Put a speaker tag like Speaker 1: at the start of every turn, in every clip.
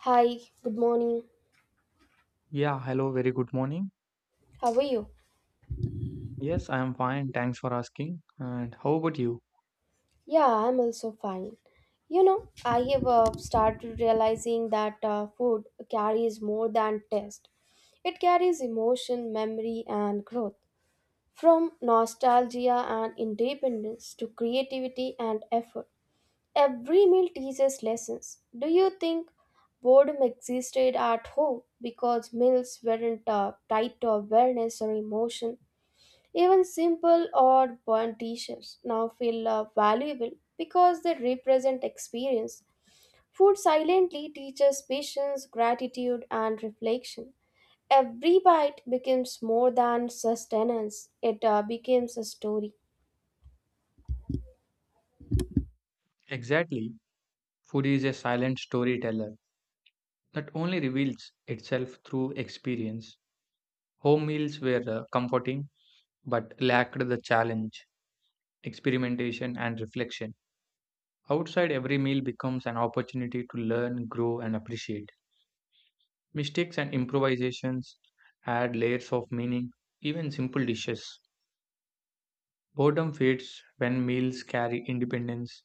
Speaker 1: Hi, good morning.
Speaker 2: Yeah, hello, very good morning.
Speaker 1: How are you?
Speaker 2: Yes, I am fine, thanks for asking. And how about you?
Speaker 1: Yeah, I'm also fine. You know, I have started realizing that food carries more than taste. It carries emotion, memory, and growth. From nostalgia and independence to creativity and effort, every meal teaches lessons. Do you think boredom existed at home because meals weren't tied to awareness or emotion? Even simple or worn t-shirts now feel valuable because they represent experience. Food silently teaches patience, gratitude, and reflection. Every bite becomes more than sustenance, it becomes a story.
Speaker 2: Exactly. Food is a silent storyteller that only reveals itself through experience. Home meals were comforting but lacked the challenge, experimentation, and reflection. Outside, every meal becomes an opportunity to learn, grow, and appreciate. Mistakes and improvisations add layers of meaning, even simple dishes. Boredom fades when meals carry independence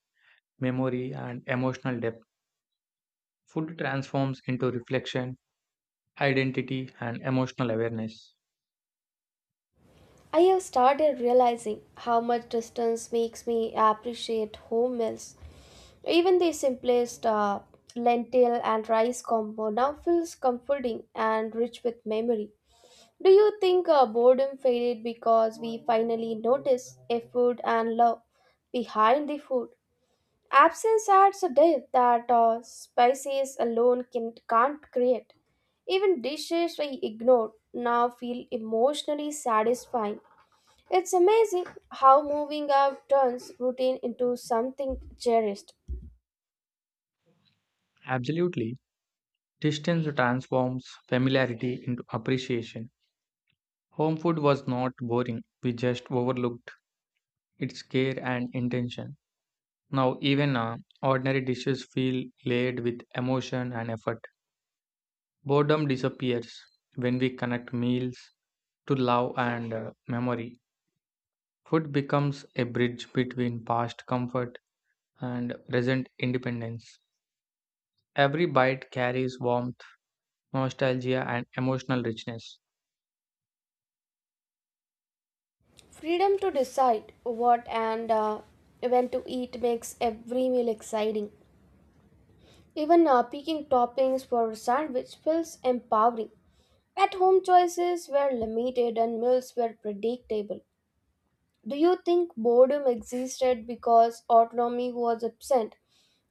Speaker 2: memory, and emotional depth. Food transforms into reflection, identity, and emotional awareness.
Speaker 1: I have started realizing how much distance makes me appreciate home meals. Even the simplest lentil and rice combo now feels comforting and rich with memory. Do you think boredom faded because we finally noticed effort and love behind the food? Absence adds a depth that spices alone can't create. Even dishes we ignored now feel emotionally satisfying. It's amazing how moving out turns routine into something cherished.
Speaker 2: Absolutely. Distance transforms familiarity into appreciation. Home food was not boring, we just overlooked its care and intention. Now, even ordinary dishes feel laid with emotion and effort. Boredom disappears when we connect meals to love and memory. Food becomes a bridge between past comfort and present independence. Every bite carries warmth, nostalgia, and emotional richness.
Speaker 1: Freedom to decide what and when to eat makes every meal exciting. Even picking toppings for sandwich feels empowering. At home, choices were limited and meals were predictable. Do you think boredom existed because autonomy was absent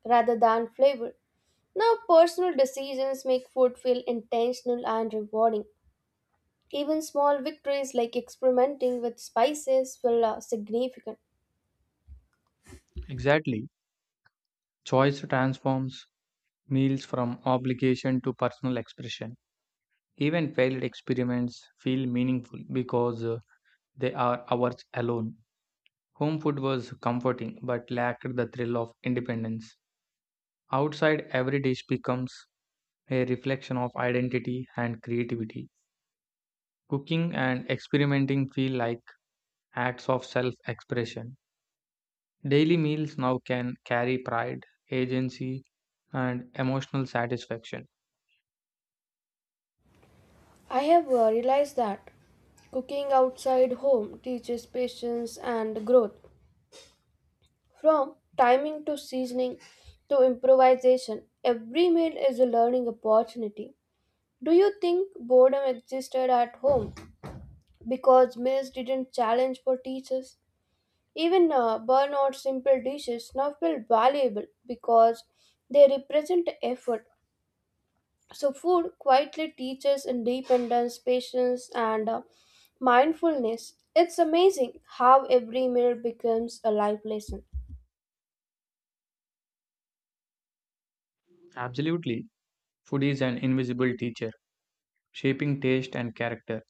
Speaker 1: rather than flavor? Now, personal decisions make food feel intentional and rewarding. Even small victories like experimenting with spices feel significant.
Speaker 2: Exactly. Choice transforms meals from obligation to personal expression. Even failed experiments feel meaningful because they are ours alone. Home food was comforting but lacked the thrill of independence. Outside, every dish becomes a reflection of identity and creativity. Cooking and experimenting feel like acts of self expression. Daily meals now can carry pride, agency, and emotional satisfaction.
Speaker 1: I have realized that cooking outside home teaches patience and growth. From timing to seasoning to improvisation, every meal is a learning opportunity. Do you think boredom existed at home because meals didn't challenge for teachers? Even burnout simple dishes now feel valuable because they represent effort. So, food quietly teaches independence, patience, and mindfulness. It's amazing how every meal becomes a life lesson.
Speaker 2: Absolutely. Food is an invisible teacher, shaping taste and character.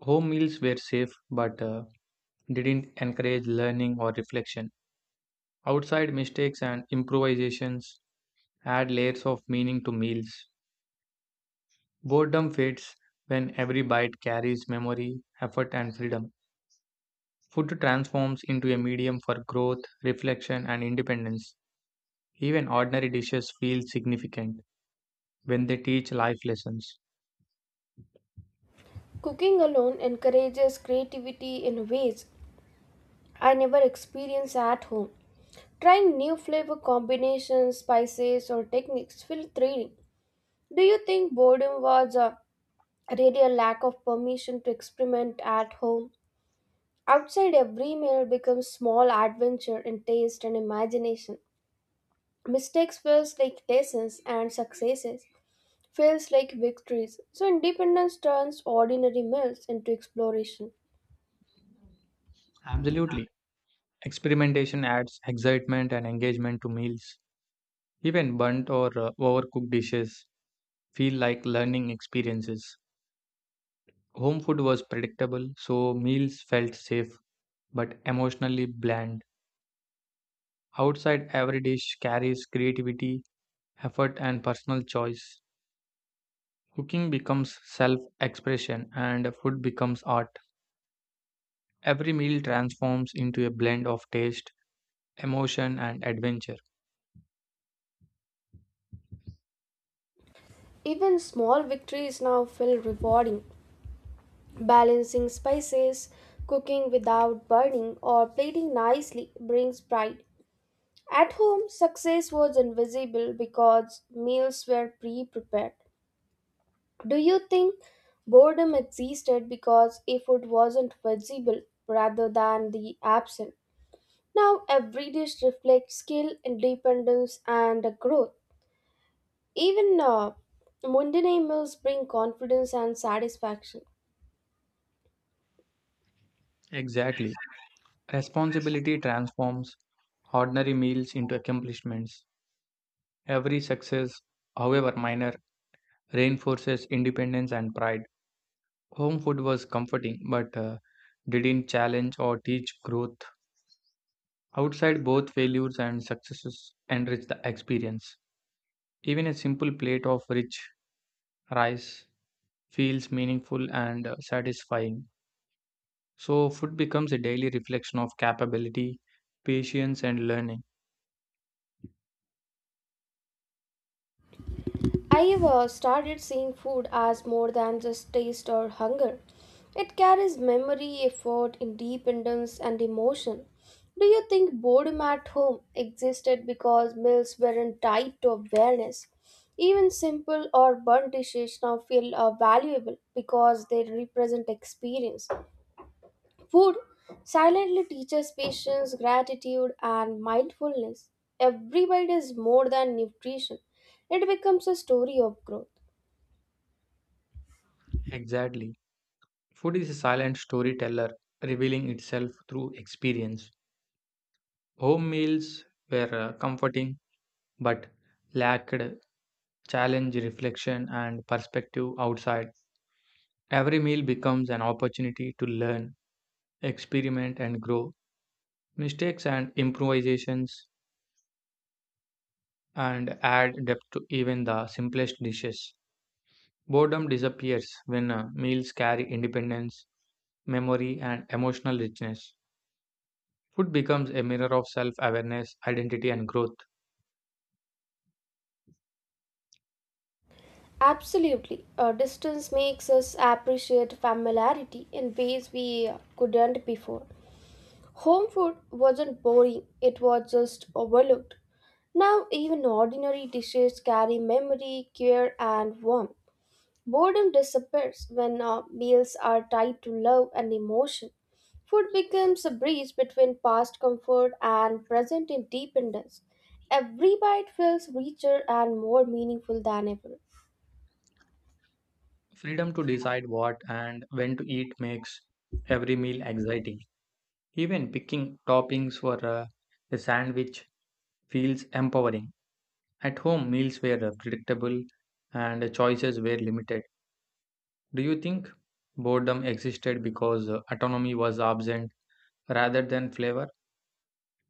Speaker 2: Home meals were safe but didn't encourage learning or reflection. Outside mistakes and improvisations add layers of meaning to meals. Boredom fades when every bite carries memory, effort, and freedom. Food transforms into a medium for growth, reflection, and independence. Even ordinary dishes feel significant when they teach life lessons.
Speaker 1: Cooking alone encourages creativity in ways I never experience at home. Trying new flavor combinations, spices, or techniques feel thrilling. Do you think boredom was a really a lack of permission to experiment at home? Outside, every meal becomes small adventure in taste and imagination. Mistakes feels like lessons, and successes feels like victories. So independence turns ordinary meals into exploration.
Speaker 2: Absolutely. Experimentation adds excitement and engagement to meals. Even burnt or overcooked dishes feel like learning experiences. Home food was predictable, so meals felt safe but emotionally bland. Outside, every dish carries creativity, effort, and personal choice. Cooking becomes self expression, and food becomes art. Every meal transforms into a blend of taste, emotion, and adventure.
Speaker 1: Even small victories now feel rewarding. Balancing spices, cooking without burning, or plating nicely brings pride. At home, success was invisible because meals were pre prepared. Do you think boredom existed because if it wasn't visible rather than the absent? Now, every dish reflects skill, independence, and growth. Even mundane meals bring confidence and satisfaction.
Speaker 2: Exactly. Responsibility transforms ordinary meals into accomplishments. Every success, however minor, reinforces independence and pride. Home food was comforting but didn't challenge or teach growth. Outside, both failures and successes enrich the experience. Even a simple plate of rich rice feels meaningful and satisfying. So, food becomes a daily reflection of capability, patience, and learning.
Speaker 1: I have started seeing food as more than just taste or hunger. It carries memory, effort, independence, and emotion. Do you think boredom at home existed because meals weren't tied to awareness? Even simple or burnt dishes now feel valuable because they represent experience. Food silently teaches patience, gratitude, and mindfulness. Every bite is more than nutrition, it becomes a story of growth.
Speaker 2: Exactly. Food is a silent storyteller, revealing itself through experience. Home meals were comforting but lacked challenge, reflection, and perspective outside. Every meal becomes an opportunity to learn, experiment, and grow. Mistakes and improvisations and add depth to even the simplest dishes. Boredom disappears when meals carry independence memory, and emotional richness. Food becomes a mirror of self awareness, identity, and growth.
Speaker 1: Absolutely, a distance makes us appreciate familiarity in ways we couldn't before. Home food wasn't boring, it was just overlooked. Now, even ordinary dishes carry memory, care, and warmth. Boredom disappears when meals are tied to love and emotion. Food becomes a bridge between past comfort and present independence. Every bite feels richer and more meaningful than ever.
Speaker 2: Freedom to decide what and when to eat makes every meal exciting. Even picking toppings for a sandwich feels empowering. At home, meals were predictable and choices were limited. Do you think boredom existed because autonomy was absent rather than flavor?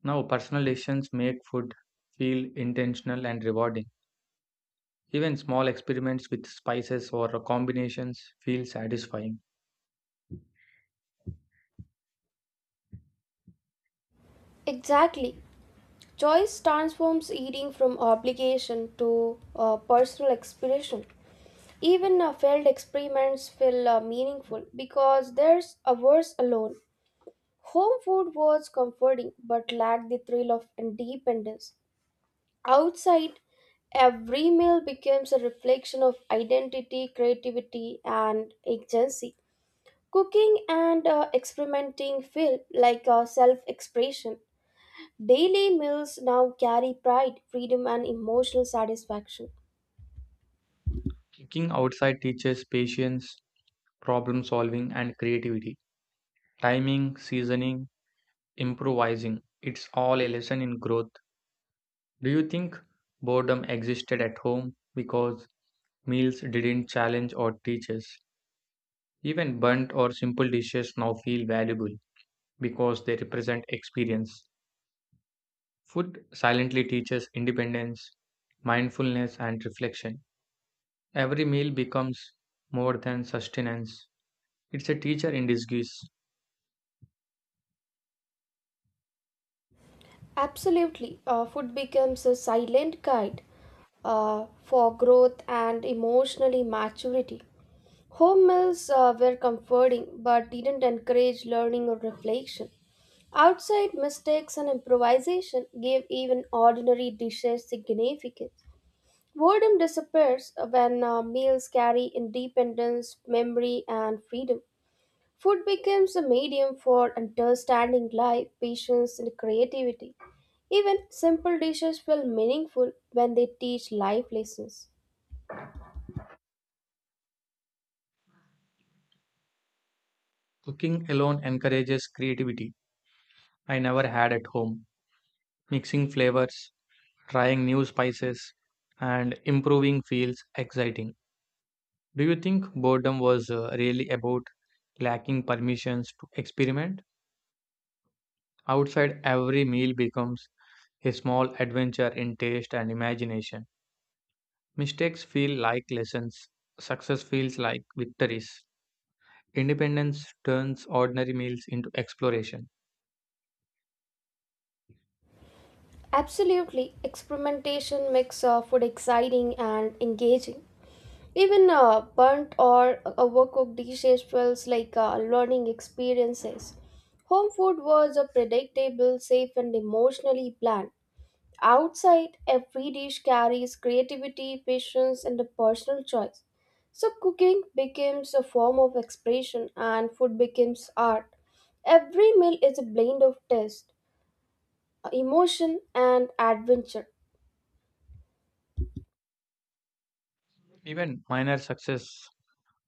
Speaker 2: Now, personal decisions make food feel intentional and rewarding. Even small experiments with spices or combinations feel satisfying.
Speaker 1: Exactly. Choice transforms eating from obligation to personal expression. Even failed experiments feel meaningful because there's hours alone. Home food was comforting but lacked the thrill of independence. Outside, every meal becomes a reflection of identity, creativity, and agency. Cooking and experimenting feel like a self expression. Daily meals now carry pride, freedom, and emotional satisfaction.
Speaker 2: Cooking outside teaches patience, problem solving, and creativity. Timing, seasoning, improvising. It's all a lesson in growth. Do you think boredom existed at home because meals didn't challenge or teach us? Even burnt or simple dishes now feel valuable because they represent experience. Food silently teaches independence, mindfulness, and reflection. Every meal becomes more than sustenance. It's a teacher in disguise.
Speaker 1: Absolutely, food becomes a silent guide for growth and emotionally maturity. Home meals were comforting but didn't encourage learning or reflection. Outside mistakes and improvisation gave even ordinary dishes significance. Boredom disappears when meals carry independence, memory, and freedom. Food becomes a medium for understanding life, patience, and creativity. Even simple dishes feel meaningful when they teach life lessons.
Speaker 2: Cooking alone encourages creativity I never had at home. Mixing flavors, trying new spices, and improving feels exciting. Do you think boredom was really about lacking permissions to experiment? Outside, every meal becomes a small adventure in taste and imagination. Mistakes feel like lessons, success feels like victories. Independence turns ordinary meals into exploration.
Speaker 1: Absolutely, experimentation makes food exciting and engaging. Even burnt or overcooked dishes feels like learning experiences. Home food was a predictable, safe, and emotionally planned. Outside, every dish carries creativity, patience, and a personal choice. So, cooking becomes a form of expression, and food becomes art. Every meal is a blend of taste, emotion, and adventure.
Speaker 2: Even minor success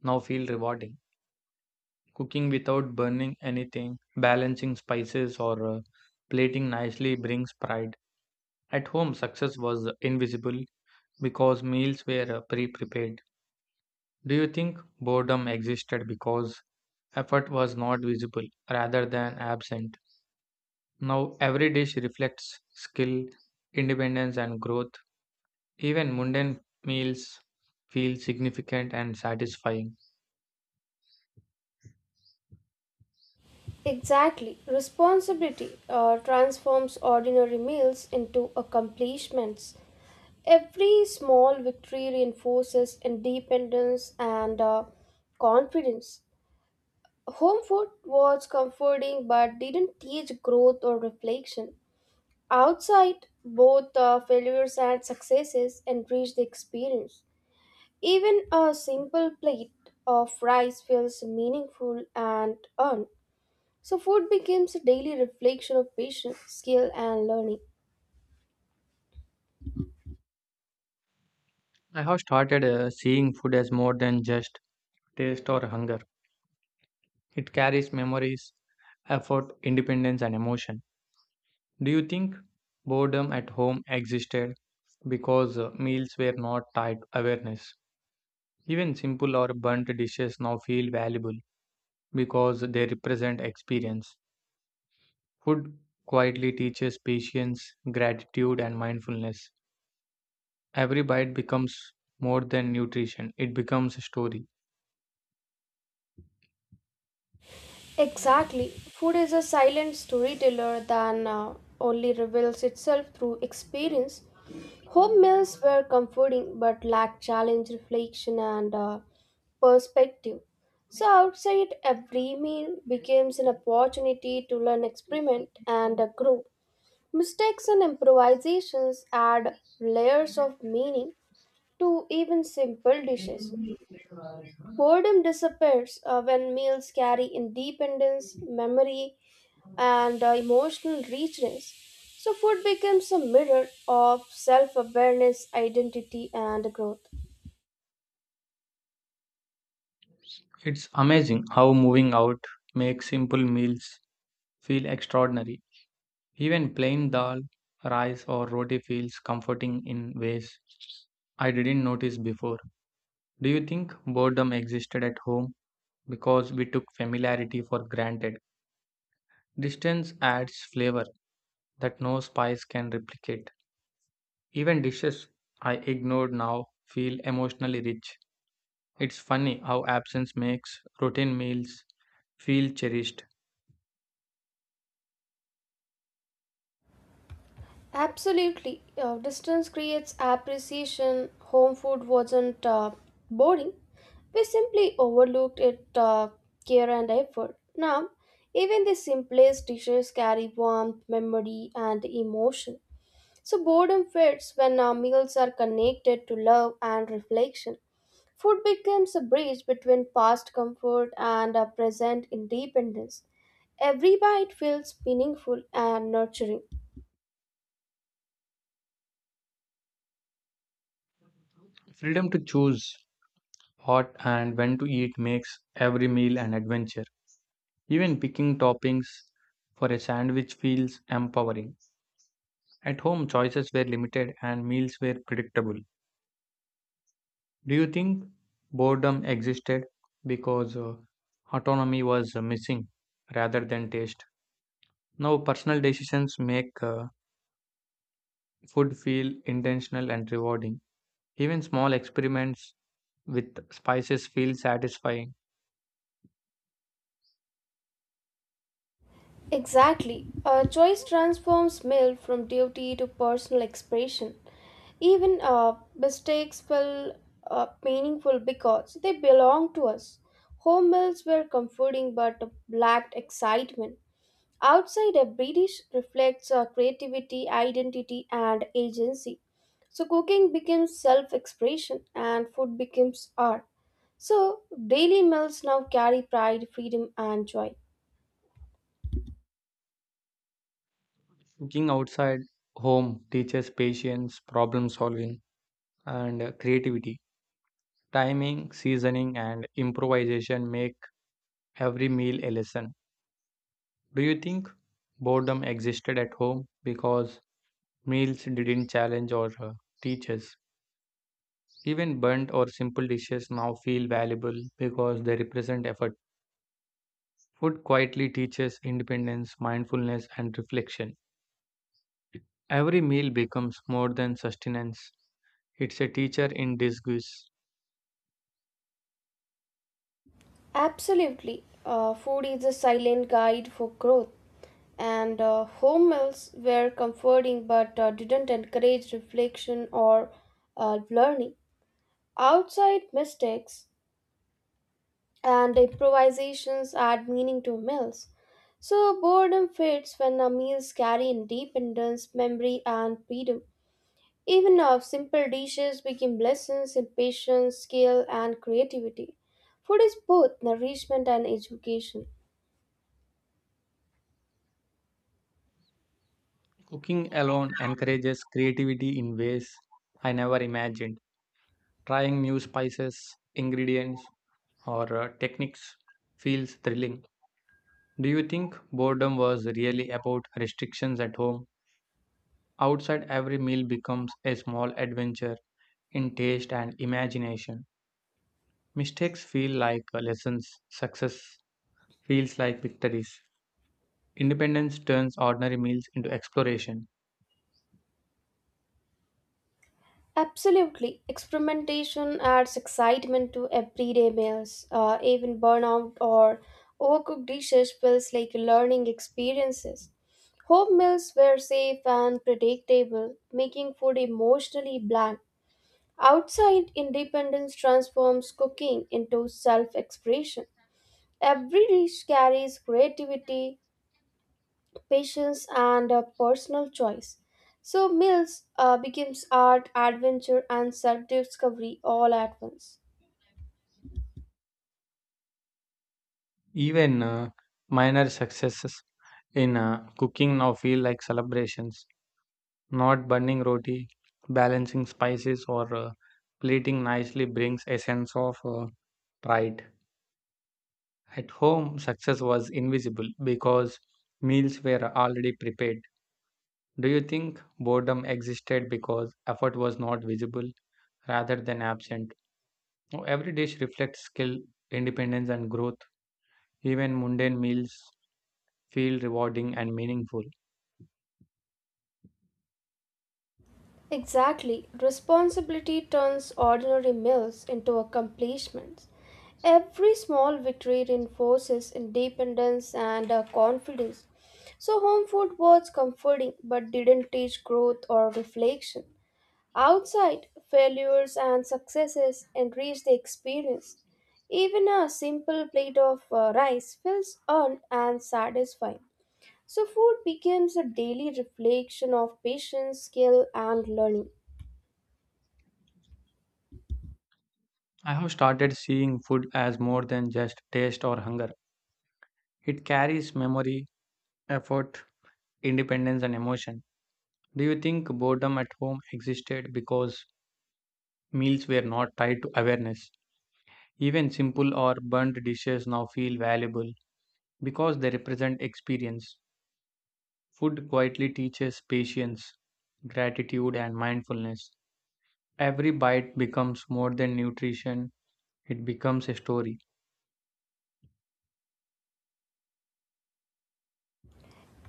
Speaker 2: now feel rewarding. Cooking without burning anything, balancing spices or plating nicely brings pride. At home success was invisible because meals were pre-prepared. Do you think boredom existed because effort was not visible rather than absent? Now every dish reflects skill, independence and growth. Even mundane meals feel significant and satisfying.
Speaker 1: Exactly. Responsibility transforms ordinary meals into accomplishments. Every small victory reinforces independence and confidence. Home food was comforting but didn't teach growth or reflection. Outside, both failures and successes enrich the experience. Even a simple plate of rice feels meaningful and earned. So, food becomes a daily reflection of patience, skill, and learning.
Speaker 2: I have started seeing food as more than just taste or hunger. It carries memories, effort, independence, and emotion. Do you think boredom at home existed because meals were not tied to awareness? Even simple or burnt dishes now feel valuable because they represent experience. Food quietly teaches patience, gratitude, and mindfulness. Every bite becomes more than nutrition, it becomes a story.
Speaker 1: Exactly. Food is a silent storyteller that only reveals itself through experience. Home meals were comforting but lacked challenge, reflection, and perspective. So, outside, every meal becomes an opportunity to learn, experiment, and grow. Mistakes and improvisations add layers of meaning to even simple dishes. Boredom disappears when meals carry independence, memory, and emotional richness. So, food becomes a mirror of self awareness, identity, and growth.
Speaker 2: It's amazing how moving out makes simple meals feel extraordinary. Even plain dal, rice, or roti feels comforting in ways I didn't notice before. Do you think boredom existed at home because we took familiarity for granted? Distance adds flavor that no spice can replicate. Even dishes I ignored now feel emotionally rich. It's funny how absence makes routine meals feel cherished.
Speaker 1: Absolutely. Distance creates appreciation. Home food wasn't boring, we simply overlooked it care and effort. Now, even the simplest dishes carry warmth, memory, and emotion. So boredom fades when our meals are connected to love and reflection. Food becomes a bridge between past comfort and our present independence. Every bite feels meaningful and nurturing.
Speaker 2: Freedom to choose what and when to eat makes every meal an adventure. Even picking toppings for a sandwich feels empowering. At home, choices were limited and meals were predictable. Do you think boredom existed because autonomy was missing rather than taste? Now, personal decisions make food feel intentional and rewarding. Even small experiments with spices feel satisfying.
Speaker 1: Exactly. A choice transforms meal from duty to personal expression. Even mistakes feel meaningful because they belong to us. Home meals were comforting but lacked excitement. Outside a British reflects our creativity, identity, and agency. So cooking becomes self-expression and food becomes art. So daily meals now carry pride, freedom, and joy.
Speaker 2: Cooking outside home teaches patience, problem solving, and creativity. Timing, seasoning, and improvisation make every meal a lesson. Do you think boredom existed at home because meals didn't challenge or teach us? Even burnt or simple dishes now feel valuable because they represent effort. Food quietly teaches independence, mindfulness, and reflection. Every meal becomes more than sustenance, it's a teacher in disguise.
Speaker 1: Absolutely, food is a silent guide for growth, and home meals were comforting but didn't encourage reflection or learning. Outside mistakes and improvisations add meaning to meals. So boredom fades when our meals carry independence, memory, and freedom. Even our simple dishes become lessons in patience, skill, and creativity. Food is both nourishment and education.
Speaker 2: Cooking alone encourages creativity in ways I never imagined. Trying new spices, ingredients, or techniques feels thrilling. Do you think boredom was really about restrictions at home? Outside, every meal becomes a small adventure in taste and imagination. Mistakes feel like lessons, success feels like victories. Independence turns ordinary meals into exploration.
Speaker 1: Absolutely. Experimentation adds excitement to everyday meals. Even burnout or overcooked dishes feels like learning experiences. Home meals were safe and predictable, making food emotionally bland. Outside, independence transforms cooking into self expression. Every dish carries creativity, patience, and a personal choice. So, Mills becomes art, adventure, and self discovery all at once.
Speaker 2: Even minor successes in cooking now feel like celebrations. Not burning roti, balancing spices, or plating nicely brings a sense of pride. At home, success was invisible because meals were already prepared. Do you think boredom existed because effort was not visible rather than absent? Oh, every dish reflects skill, independence, and growth. Even mundane meals feel rewarding and meaningful.
Speaker 1: Exactly, responsibility turns ordinary meals into accomplishments. Every small victory reinforces independence and confidence. So, home food was comforting but didn't teach growth or reflection. Outside, failures and successes enrich the experience. Even a simple plate of rice feels earned and satisfying. So, food becomes a daily reflection of patience, skill, and learning.
Speaker 2: I have started seeing food as more than just taste or hunger. It carries memory, effort, independence, and emotion. Do you think boredom at home existed because meals were not tied to awareness? Even simple or burnt dishes now feel valuable because they represent experience. Food quietly teaches patience, gratitude, and mindfulness. Every bite becomes more than nutrition, it becomes a story.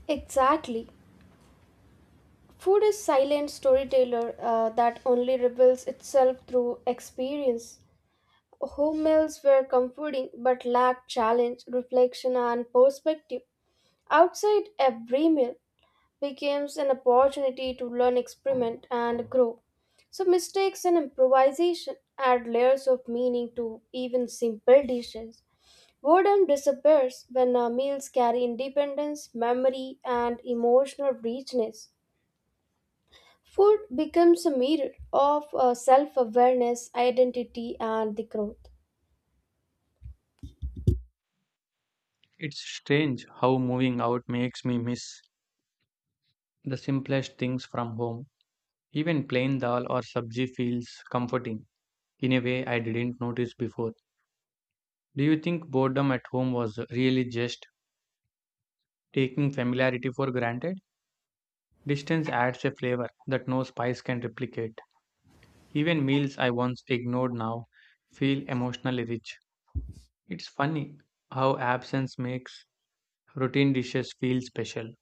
Speaker 1: Exactly. Food is silent storyteller that only reveals itself through experience. Home meals were comforting but lacked challenge, reflection, and perspective. Outside every meal, becomes an opportunity to learn, experiment, and grow. So, mistakes and improvisation add layers of meaning to even simple dishes. Boredom disappears when our meals carry independence, memory, and emotional richness. Food becomes a mirror of self awareness, identity, and the growth.
Speaker 2: It's strange how moving out makes me miss the simplest things from home. Even plain dal or sabji feels comforting in a way I didn't notice before. Do you think boredom at home was really just taking familiarity for granted? Distance adds a flavor that no spice can replicate. Even meals I once ignored now feel emotionally rich. It's funny how absence makes routine dishes feel special.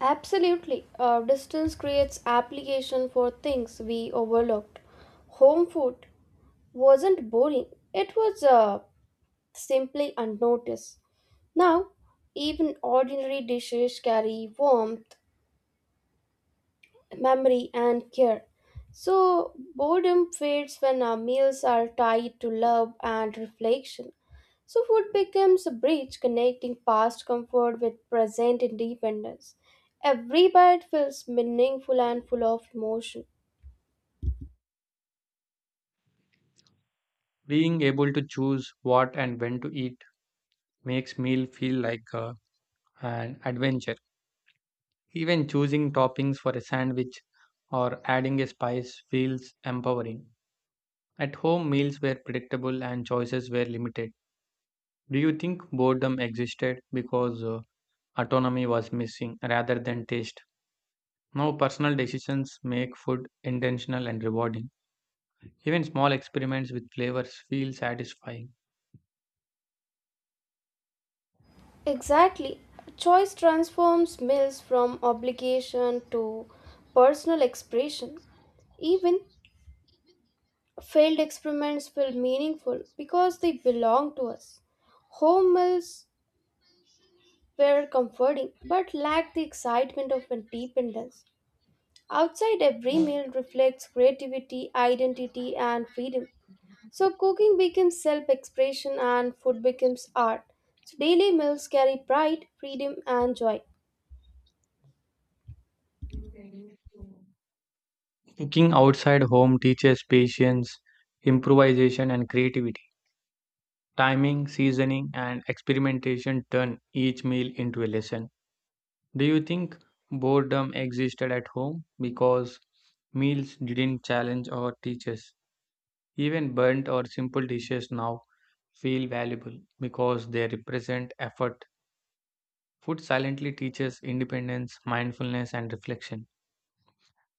Speaker 1: Absolutely. Distance creates application for things we overlooked. Home food wasn't boring, it was simply unnoticed. Now, even ordinary dishes carry warmth, memory, and care. So, boredom fades when our meals are tied to love and reflection. So, food becomes a bridge connecting past comfort with present independence. Every bite feels meaningful and full of emotion.
Speaker 2: Being able to choose what and when to eat makes meal feel like an adventure. Even choosing toppings for a sandwich or adding a spice feels empowering. At home, meals were predictable and choices were limited. Do you think boredom existed because autonomy was missing rather than taste? Now, personal decisions make food intentional and rewarding. Even small experiments with flavors feel satisfying.
Speaker 1: Exactly. Choice transforms meals from obligation to personal expression. Even failed experiments feel meaningful because they belong to us. Home meals were comforting but lacked the excitement of independence. Outside, every meal reflects creativity, identity, and freedom. So, cooking becomes self expression and food becomes art. So, daily meals carry pride, freedom, and joy.
Speaker 2: Cooking outside home teaches patience, improvisation, and creativity. Timing, seasoning, and experimentation turn each meal into a lesson. Do you think boredom existed at home because meals didn't challenge or teach us? Even burnt or simple dishes now feel valuable because they represent effort. Food silently teaches independence, mindfulness, and reflection.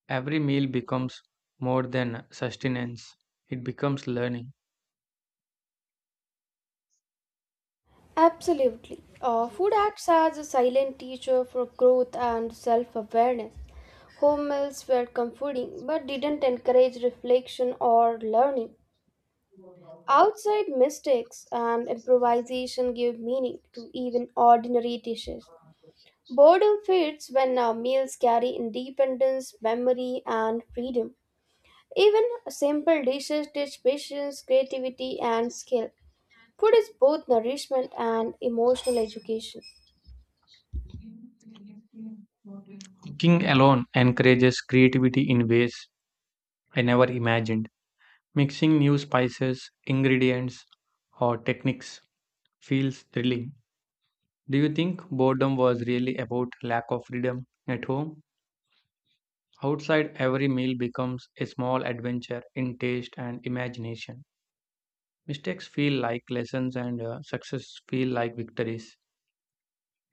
Speaker 2: Every meal becomes more than sustenance, it becomes learning.
Speaker 1: Absolutely. Food acts as a silent teacher for growth and self awareness. Home meals were comforting but didn't encourage reflection or learning. Outside mistakes and improvisation give meaning to even ordinary dishes. Boredom fades when our meals carry independence, memory, and freedom. Even simple dishes teach patience, creativity, and skill. Food is both nourishment and emotional education.
Speaker 2: Cooking alone encourages creativity in ways I never imagined. Mixing new spices, ingredients, or techniques feels thrilling. Do you think boredom was really about lack of freedom at home? Outside, every meal becomes a small adventure in taste and imagination. Mistakes feel like lessons, and success feel like victories.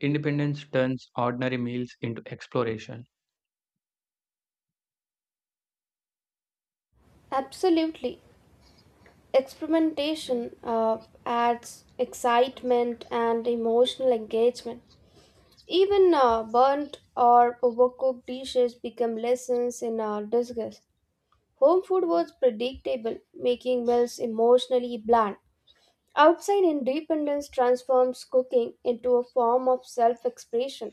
Speaker 2: Independence turns ordinary meals into exploration.
Speaker 1: Absolutely. Experimentation adds excitement and emotional engagement. Even burnt or overcooked dishes become lessons in disguise. Home food was predictable, making meals emotionally bland. Outside independence transforms cooking into a form of self expression.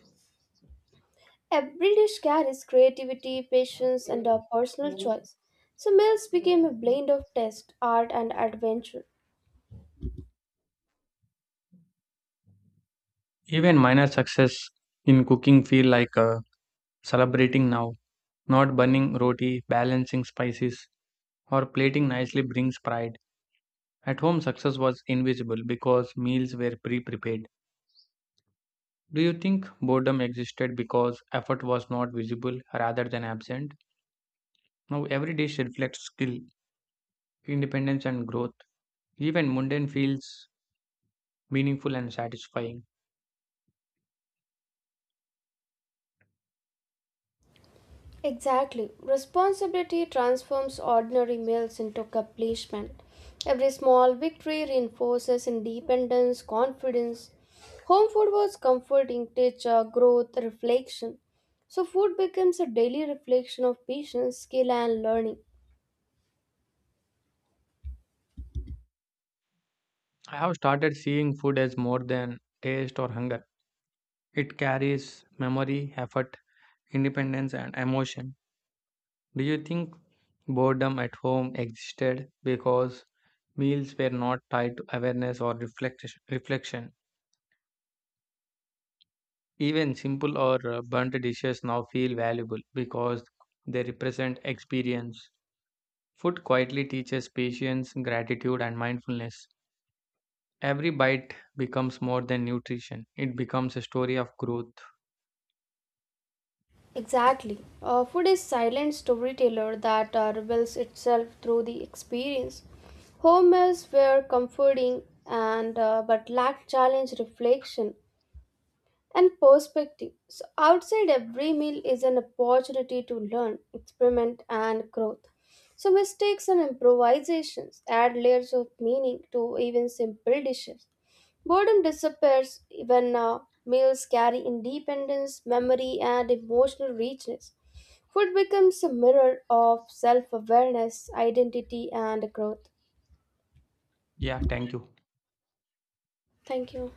Speaker 1: Every dish carries creativity, patience, and a personal choice. So, meals became a blend of taste, art, and adventure.
Speaker 2: Even minor success in cooking feel like celebrating now. Not burning roti, balancing spices, or plating nicely brings pride. At home, success was invisible because meals were pre prepared. Do you think boredom existed because effort was not visible rather than absent? Now, every dish reflects skill, independence, and growth. Even mundane feels meaningful and satisfying.
Speaker 1: Exactly. Responsibility transforms ordinary meals into accomplishment. Every small victory reinforces independence, confidence. Home food was comforting, teacher, growth, reflection. So food becomes a daily reflection of patience, skill, and learning.
Speaker 2: I have started seeing food as more than taste or hunger. It carries memory, effort, independence, and emotion. Do you think boredom at home existed because meals were not tied to awareness or reflection? Even simple or burnt dishes now feel valuable because they represent experience. Food quietly teaches patience, gratitude, and mindfulness. Every bite becomes more than nutrition, it becomes a story of growth.
Speaker 1: Exactly. Food is silent storyteller that reveals itself through the experience. Home meals were comforting and but lacked challenge reflection. And perspective. So, outside every meal is an opportunity to learn, experiment, and growth. So, mistakes and improvisations add layers of meaning to even simple dishes. Boredom disappears when meals carry independence, memory, and emotional richness. Food becomes a mirror of self awareness, identity, and growth.
Speaker 2: Yeah, thank you.
Speaker 1: Thank you.